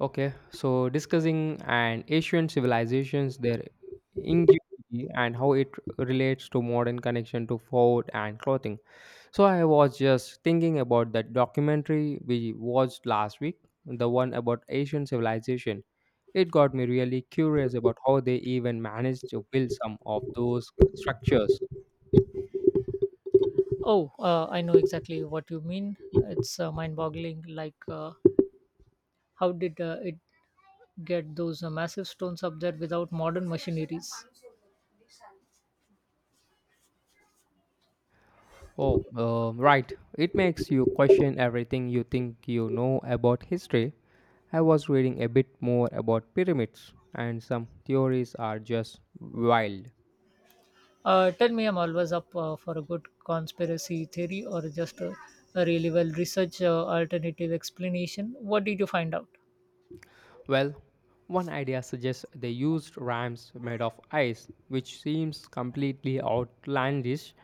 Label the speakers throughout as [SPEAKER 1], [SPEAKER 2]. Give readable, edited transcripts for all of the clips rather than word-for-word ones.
[SPEAKER 1] Okay, so discussing an Asian civilizations, their ingenuity, and how it relates to modern connection to food and clothing. So I was just thinking about that documentary we watched last week, the one about Asian civilization. It got me really curious about how they even managed to build some of those structures.
[SPEAKER 2] Oh, I know exactly what you mean. It's mind-boggling. How did it get those massive stones up there without modern machineries?
[SPEAKER 1] Oh, right. It makes you question everything you think you know about history. I was reading a bit more about pyramids, and some theories are just wild.
[SPEAKER 2] Tell me, I'm always up for a good conspiracy theory or just a really well researched alternative explanation. What did you find out?
[SPEAKER 1] Well, one idea suggests they used ramps made of ice, which seems completely outlandish,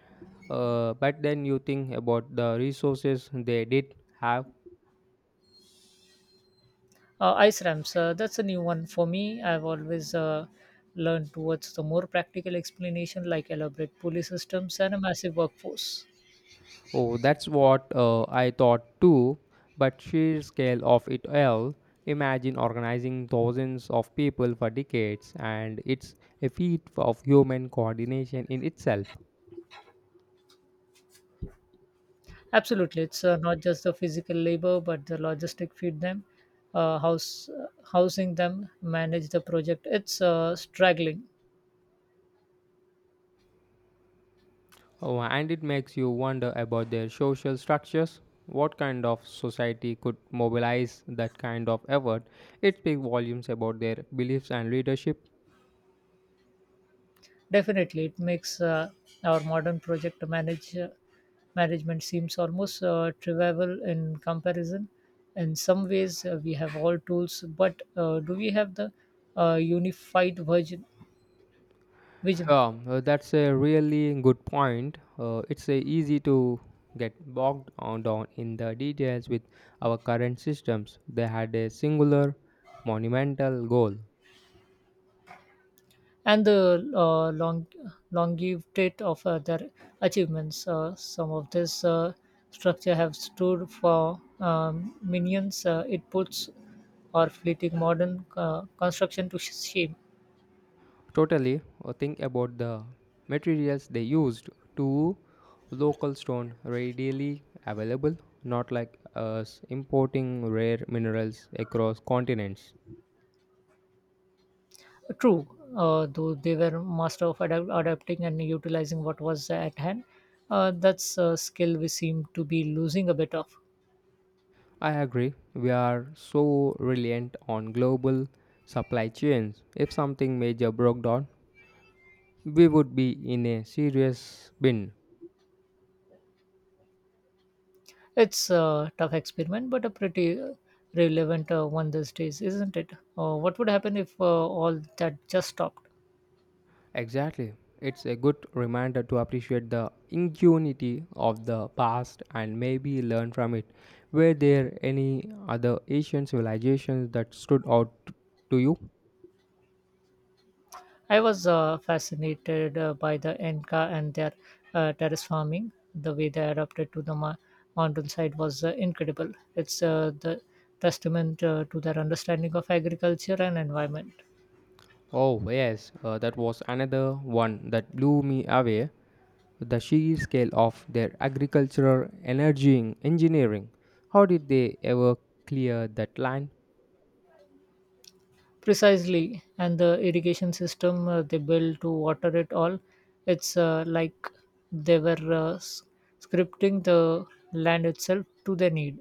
[SPEAKER 1] but then you think about the resources they did have.
[SPEAKER 2] Ice ramps. That's a new one for me. I've always learned towards the more practical explanation, like elaborate police systems and a massive workforce.
[SPEAKER 1] Oh, that's what I thought too, but sheer scale of it all. Imagine organizing thousands of people for decades, and it's a feat of human coordination in itself.
[SPEAKER 2] Absolutely, it's not just the physical labor, but the logistic feed them, house housing them, manage the project. It's straggling.
[SPEAKER 1] Oh, and it makes you wonder about their social structures. What kind of society could mobilize that kind of effort? It speaks volumes about their beliefs and leadership.
[SPEAKER 2] Definitely, it makes our modern project manage management seems almost trivial in comparison. In some ways, we have all tools, but do we have the unified version? Vision?
[SPEAKER 1] That's a really good point. It's easy to get bogged on down in the details with our current systems. They had a singular, monumental goal.
[SPEAKER 2] And the longevity of their achievements. Some of this structure have stood for millions. It puts our fleeting modern construction to shame.
[SPEAKER 1] Totally, think about the materials they used. Two local stone readily available, not like us importing rare minerals across continents.
[SPEAKER 2] True, though they were master of adapting and utilizing what was at hand. That's a skill we seem to be losing a bit of.
[SPEAKER 1] I agree, we are so reliant on global supply chains. If something major broke down, we would be in a serious bin.
[SPEAKER 2] It's a tough experiment, but a pretty relevant one these days, isn't it? What would happen if all that just stopped?
[SPEAKER 1] Exactly. It's a good reminder to appreciate the ingenuity of the past and maybe learn from it. Were there any other Asian civilizations that stood out to you?
[SPEAKER 2] I was fascinated by the Inca and their terrace farming. The way they adapted to the mountainside was incredible. It's the testament to their understanding of agriculture and environment.
[SPEAKER 1] Oh, yes, that was another one that blew me away, the sheer scale of their agricultural energy engineering. How did they ever clear that land?
[SPEAKER 2] Precisely, and the irrigation system they built to water it all, it's like they were scripting the land itself to their need.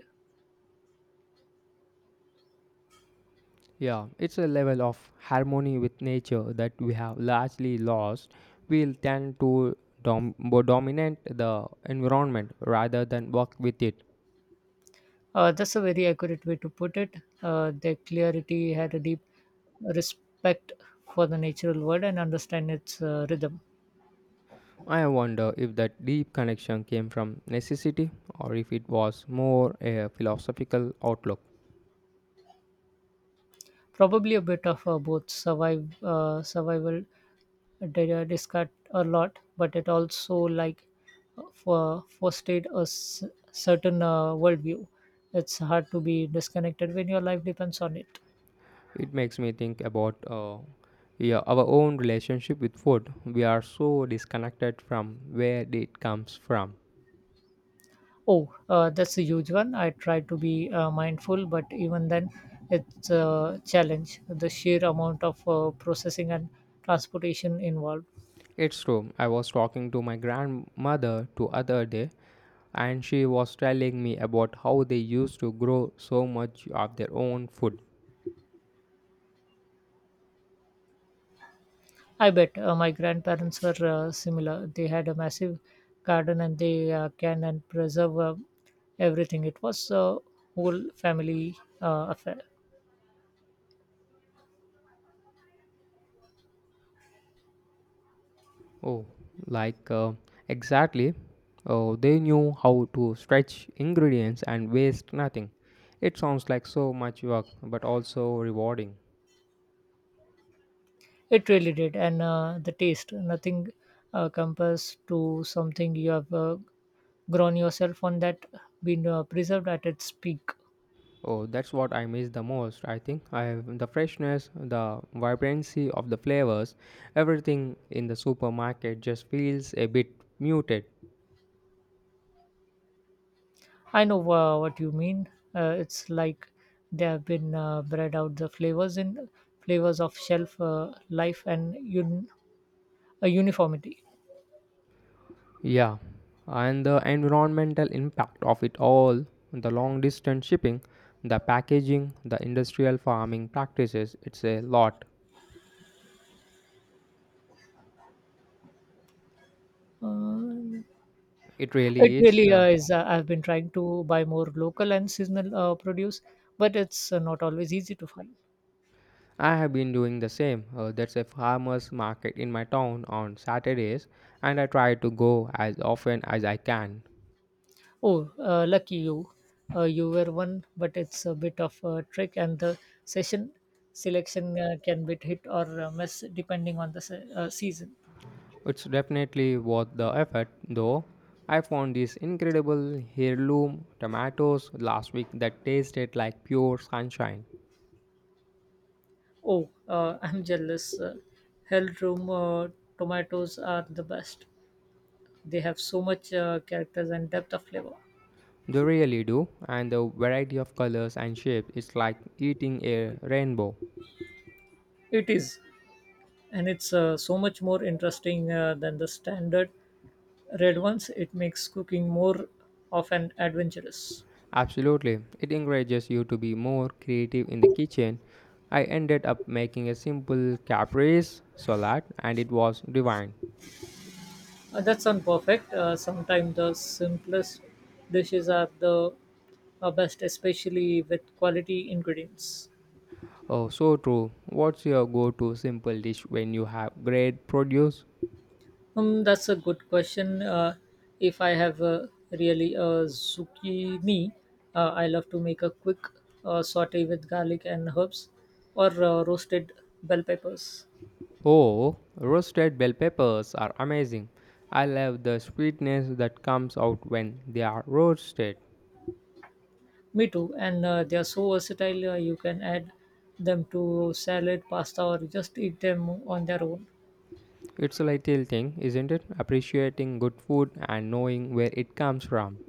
[SPEAKER 1] Yeah, it's a level of harmony with nature that we have largely lost. We'll tend to dominate the environment rather than work with it.
[SPEAKER 2] That's a very accurate way to put it. Their clarity had a deep respect for the natural world and understand its rhythm.
[SPEAKER 1] I wonder if that deep connection came from necessity or if it was more a philosophical outlook.
[SPEAKER 2] Probably a bit of both. Survive Survival did discussed a lot, but it also like for fostered certain worldview. It's hard to be disconnected when your life depends on it.
[SPEAKER 1] It makes me think about yeah, our own relationship with food. We are so disconnected from where it comes from.
[SPEAKER 2] Oh, that's a huge one. I try to be mindful, but even then, it's a challenge. The sheer amount of processing and transportation involved.
[SPEAKER 1] It's true. I was talking to my grandmother the other day and she was telling me about how they used to grow so much of their own food.
[SPEAKER 2] I bet my grandparents were similar. They had a massive garden and they can and preserve everything. It was a whole family affair.
[SPEAKER 1] Oh, like, exactly. Oh, they knew how to stretch ingredients and waste nothing. It sounds like so much work, but also rewarding.
[SPEAKER 2] It really did. And the taste, nothing compares to something you have grown yourself on that been preserved at its peak.
[SPEAKER 1] Oh, that's what I miss the most. I think I have the freshness, the vibrancy of the flavors. Everything in the supermarket just feels a bit muted.
[SPEAKER 2] I know what you mean. It's like they have been bred out the flavors in flavors of shelf life and uniformity.
[SPEAKER 1] Yeah, and the environmental impact of it all, the long distance shipping, the packaging, the industrial farming practices, it's a lot.
[SPEAKER 2] Uh,
[SPEAKER 1] It
[SPEAKER 2] It
[SPEAKER 1] really is.
[SPEAKER 2] really is. I've been trying to buy more local and seasonal produce, but it's not always easy to find.
[SPEAKER 1] I have been doing the same. There's a farmers market in my town on Saturdays, and I try to go as often as I can.
[SPEAKER 2] Oh, lucky you. You were one, but it's a bit of a trick, and the session selection can be hit or miss depending on the season.
[SPEAKER 1] It's definitely worth the effort, though. I found these incredible heirloom tomatoes last week that tasted like pure sunshine.
[SPEAKER 2] Oh, I'm jealous. Hell room tomatoes are the best. They have so much characters and depth of flavor.
[SPEAKER 1] They really do, and the variety of colors and shapes is like eating a rainbow.
[SPEAKER 2] It is. And it's so much more interesting than the standard red ones. It makes cooking more of an adventurous.
[SPEAKER 1] Absolutely, it encourages you to be more creative in the kitchen. I ended up making a simple caprese salad and it was divine.
[SPEAKER 2] That's not perfect. Sometimes the simplest dishes are the best, especially with quality ingredients.
[SPEAKER 1] Oh, so true. What's your go to simple dish when you have great produce?
[SPEAKER 2] That's a good question. If I have really a zucchini, I love to make a quick saute with garlic and herbs or roasted bell peppers.
[SPEAKER 1] Oh, roasted bell peppers are amazing. I love the sweetness that comes out when they are roasted.
[SPEAKER 2] Me too. And they are so versatile. You can add them to salad, pasta, or just eat them on their own.
[SPEAKER 1] It's a little thing, isn't it? Appreciating good food and knowing where it comes from.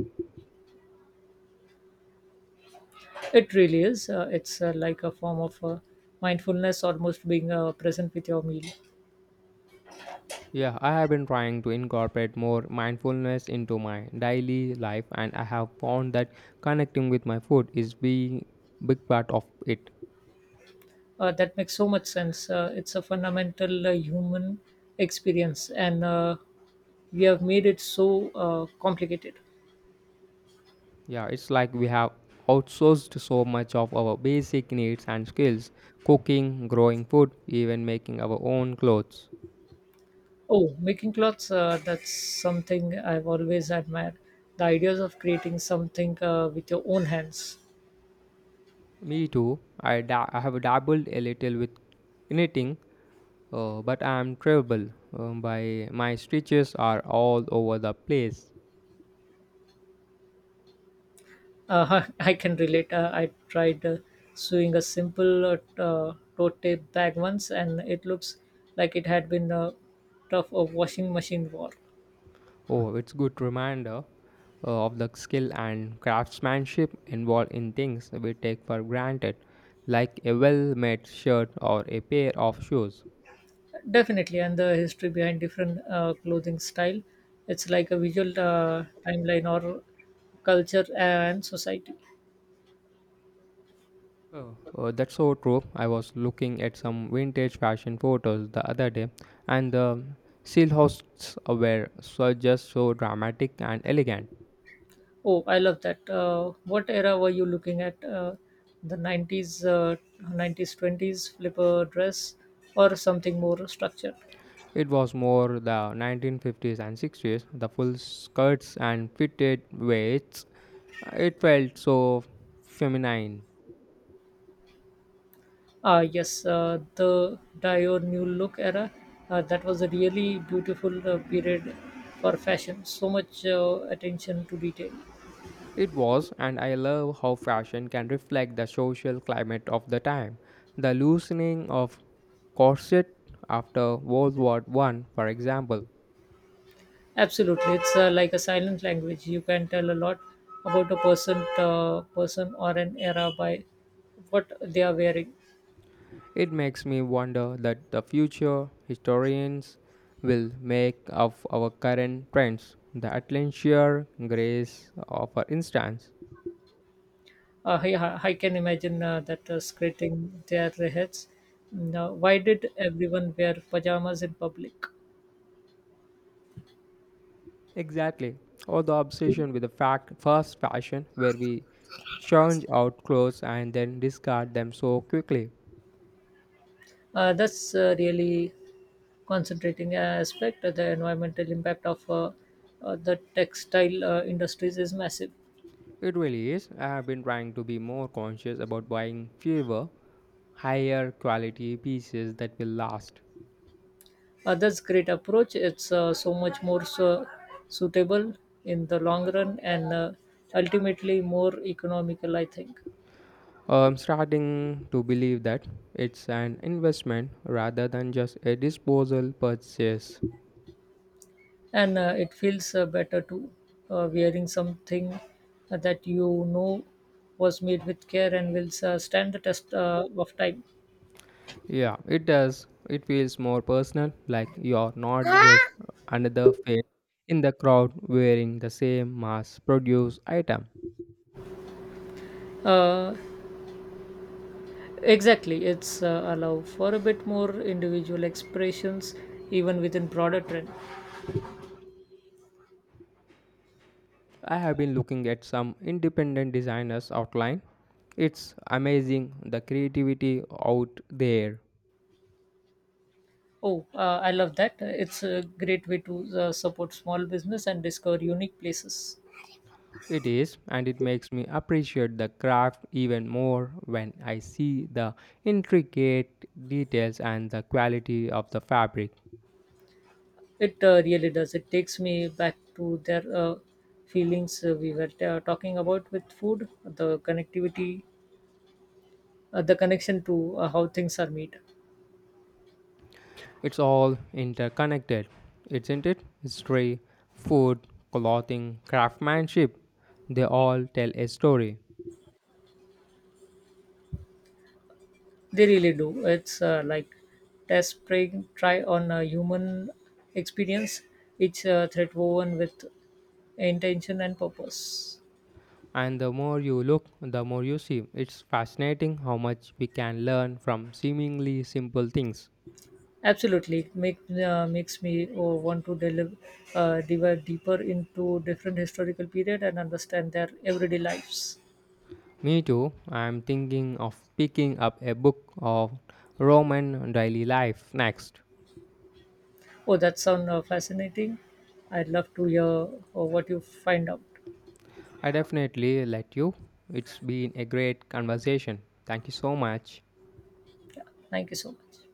[SPEAKER 2] It really is. It's like a form of mindfulness, almost being present with your meal.
[SPEAKER 1] Yeah, I have been trying to incorporate more mindfulness into my daily life, and I have found that connecting with my food is being big part of it.
[SPEAKER 2] That makes so much sense. It's a fundamental human experience, and we have made it so complicated.
[SPEAKER 1] Yeah, it's like we have outsourced so much of our basic needs and skills, cooking, growing food, even making our own clothes.
[SPEAKER 2] Oh, making clothes, that's something I've always admired. The ideas of creating something with your own hands.
[SPEAKER 1] Me too. I have dabbled a little with knitting. But I'm terrible. By my stitches are all over the place.
[SPEAKER 2] I can relate. I tried sewing a simple tote tape bag once, and it looks like it had been tough of washing machine war.
[SPEAKER 1] Oh, it's good reminder of the skill and craftsmanship involved in things we take for granted, like a well-made shirt or a pair of shoes.
[SPEAKER 2] Definitely, and the history behind different clothing style. It's like a visual timeline or culture and society.
[SPEAKER 1] Oh, that's so true. I was looking at some vintage fashion photos the other day, and the seal hosts were so just so dramatic and elegant.
[SPEAKER 2] Oh, I love that. What era were you looking at? The 90s, 90s, 20s, flipper dress, or something more structured?
[SPEAKER 1] It was more the 1950s and 60s, the full skirts and fitted waists. It felt so feminine.
[SPEAKER 2] Ah, yes, the Dior New Look era. That was a really beautiful period for fashion. So much attention to detail.
[SPEAKER 1] It was, and I love how fashion can reflect the social climate of the time. The loosening of corset after World War One, for example.
[SPEAKER 2] Absolutely, it's like a silent language. You can tell a lot about a person or an era by what they are wearing.
[SPEAKER 1] It makes me wonder that the future historians will make of our current trends. The Atlantier grace, for instance.
[SPEAKER 2] I can imagine that scratching their heads. Now, why did everyone wear pajamas in public?
[SPEAKER 1] Exactly. Or the obsession with the fact fast fashion where we change out clothes and then discard them so quickly.
[SPEAKER 2] That's really concentrating aspect, the environmental impact of the textile industries is massive.
[SPEAKER 1] It really is. I have been trying to be more conscious about buying fewer, higher quality pieces that will last.
[SPEAKER 2] That's great approach. It's so much more so suitable in the long run and ultimately more economical, I think.
[SPEAKER 1] I'm starting to believe that it's an investment rather than just a disposal purchase.
[SPEAKER 2] And it feels better too, wearing something that you know was made with care and will stand the test of time.
[SPEAKER 1] Yeah, it does. It feels more personal, like you're not just another face in the crowd wearing the same mass produced item.
[SPEAKER 2] Uh, Exactly, it's allow for a bit more individual expressions even within broader trend.
[SPEAKER 1] I have been looking at some independent designers' outline. It's amazing the creativity out there.
[SPEAKER 2] Oh, I love that. It's a great way to support small business and discover unique places.
[SPEAKER 1] It is, and it makes me appreciate the craft even more when I see the intricate details and the quality of the fabric.
[SPEAKER 2] It really does. It takes me back to their feelings we were talking about with food, the connectivity, the connection to how things are made.
[SPEAKER 1] It's all interconnected, isn't it? History, food, clothing, craftsmanship, they all tell a story.
[SPEAKER 2] They really do. It's like test, pray, try on a human experience, each thread woven with intention and purpose.
[SPEAKER 1] And the more you look, the more you see. It's fascinating how much we can learn from seemingly simple things.
[SPEAKER 2] Absolutely, it makes me want to deliver dive deeper into different historical period and understand their everyday lives.
[SPEAKER 1] Me too, I'm thinking of picking up a book of Roman daily life next.
[SPEAKER 2] Oh, that sounds fascinating. I'd love to hear what you find out.
[SPEAKER 1] I definitely let you. It's been a great conversation. Thank you so much.
[SPEAKER 2] Thank you so much.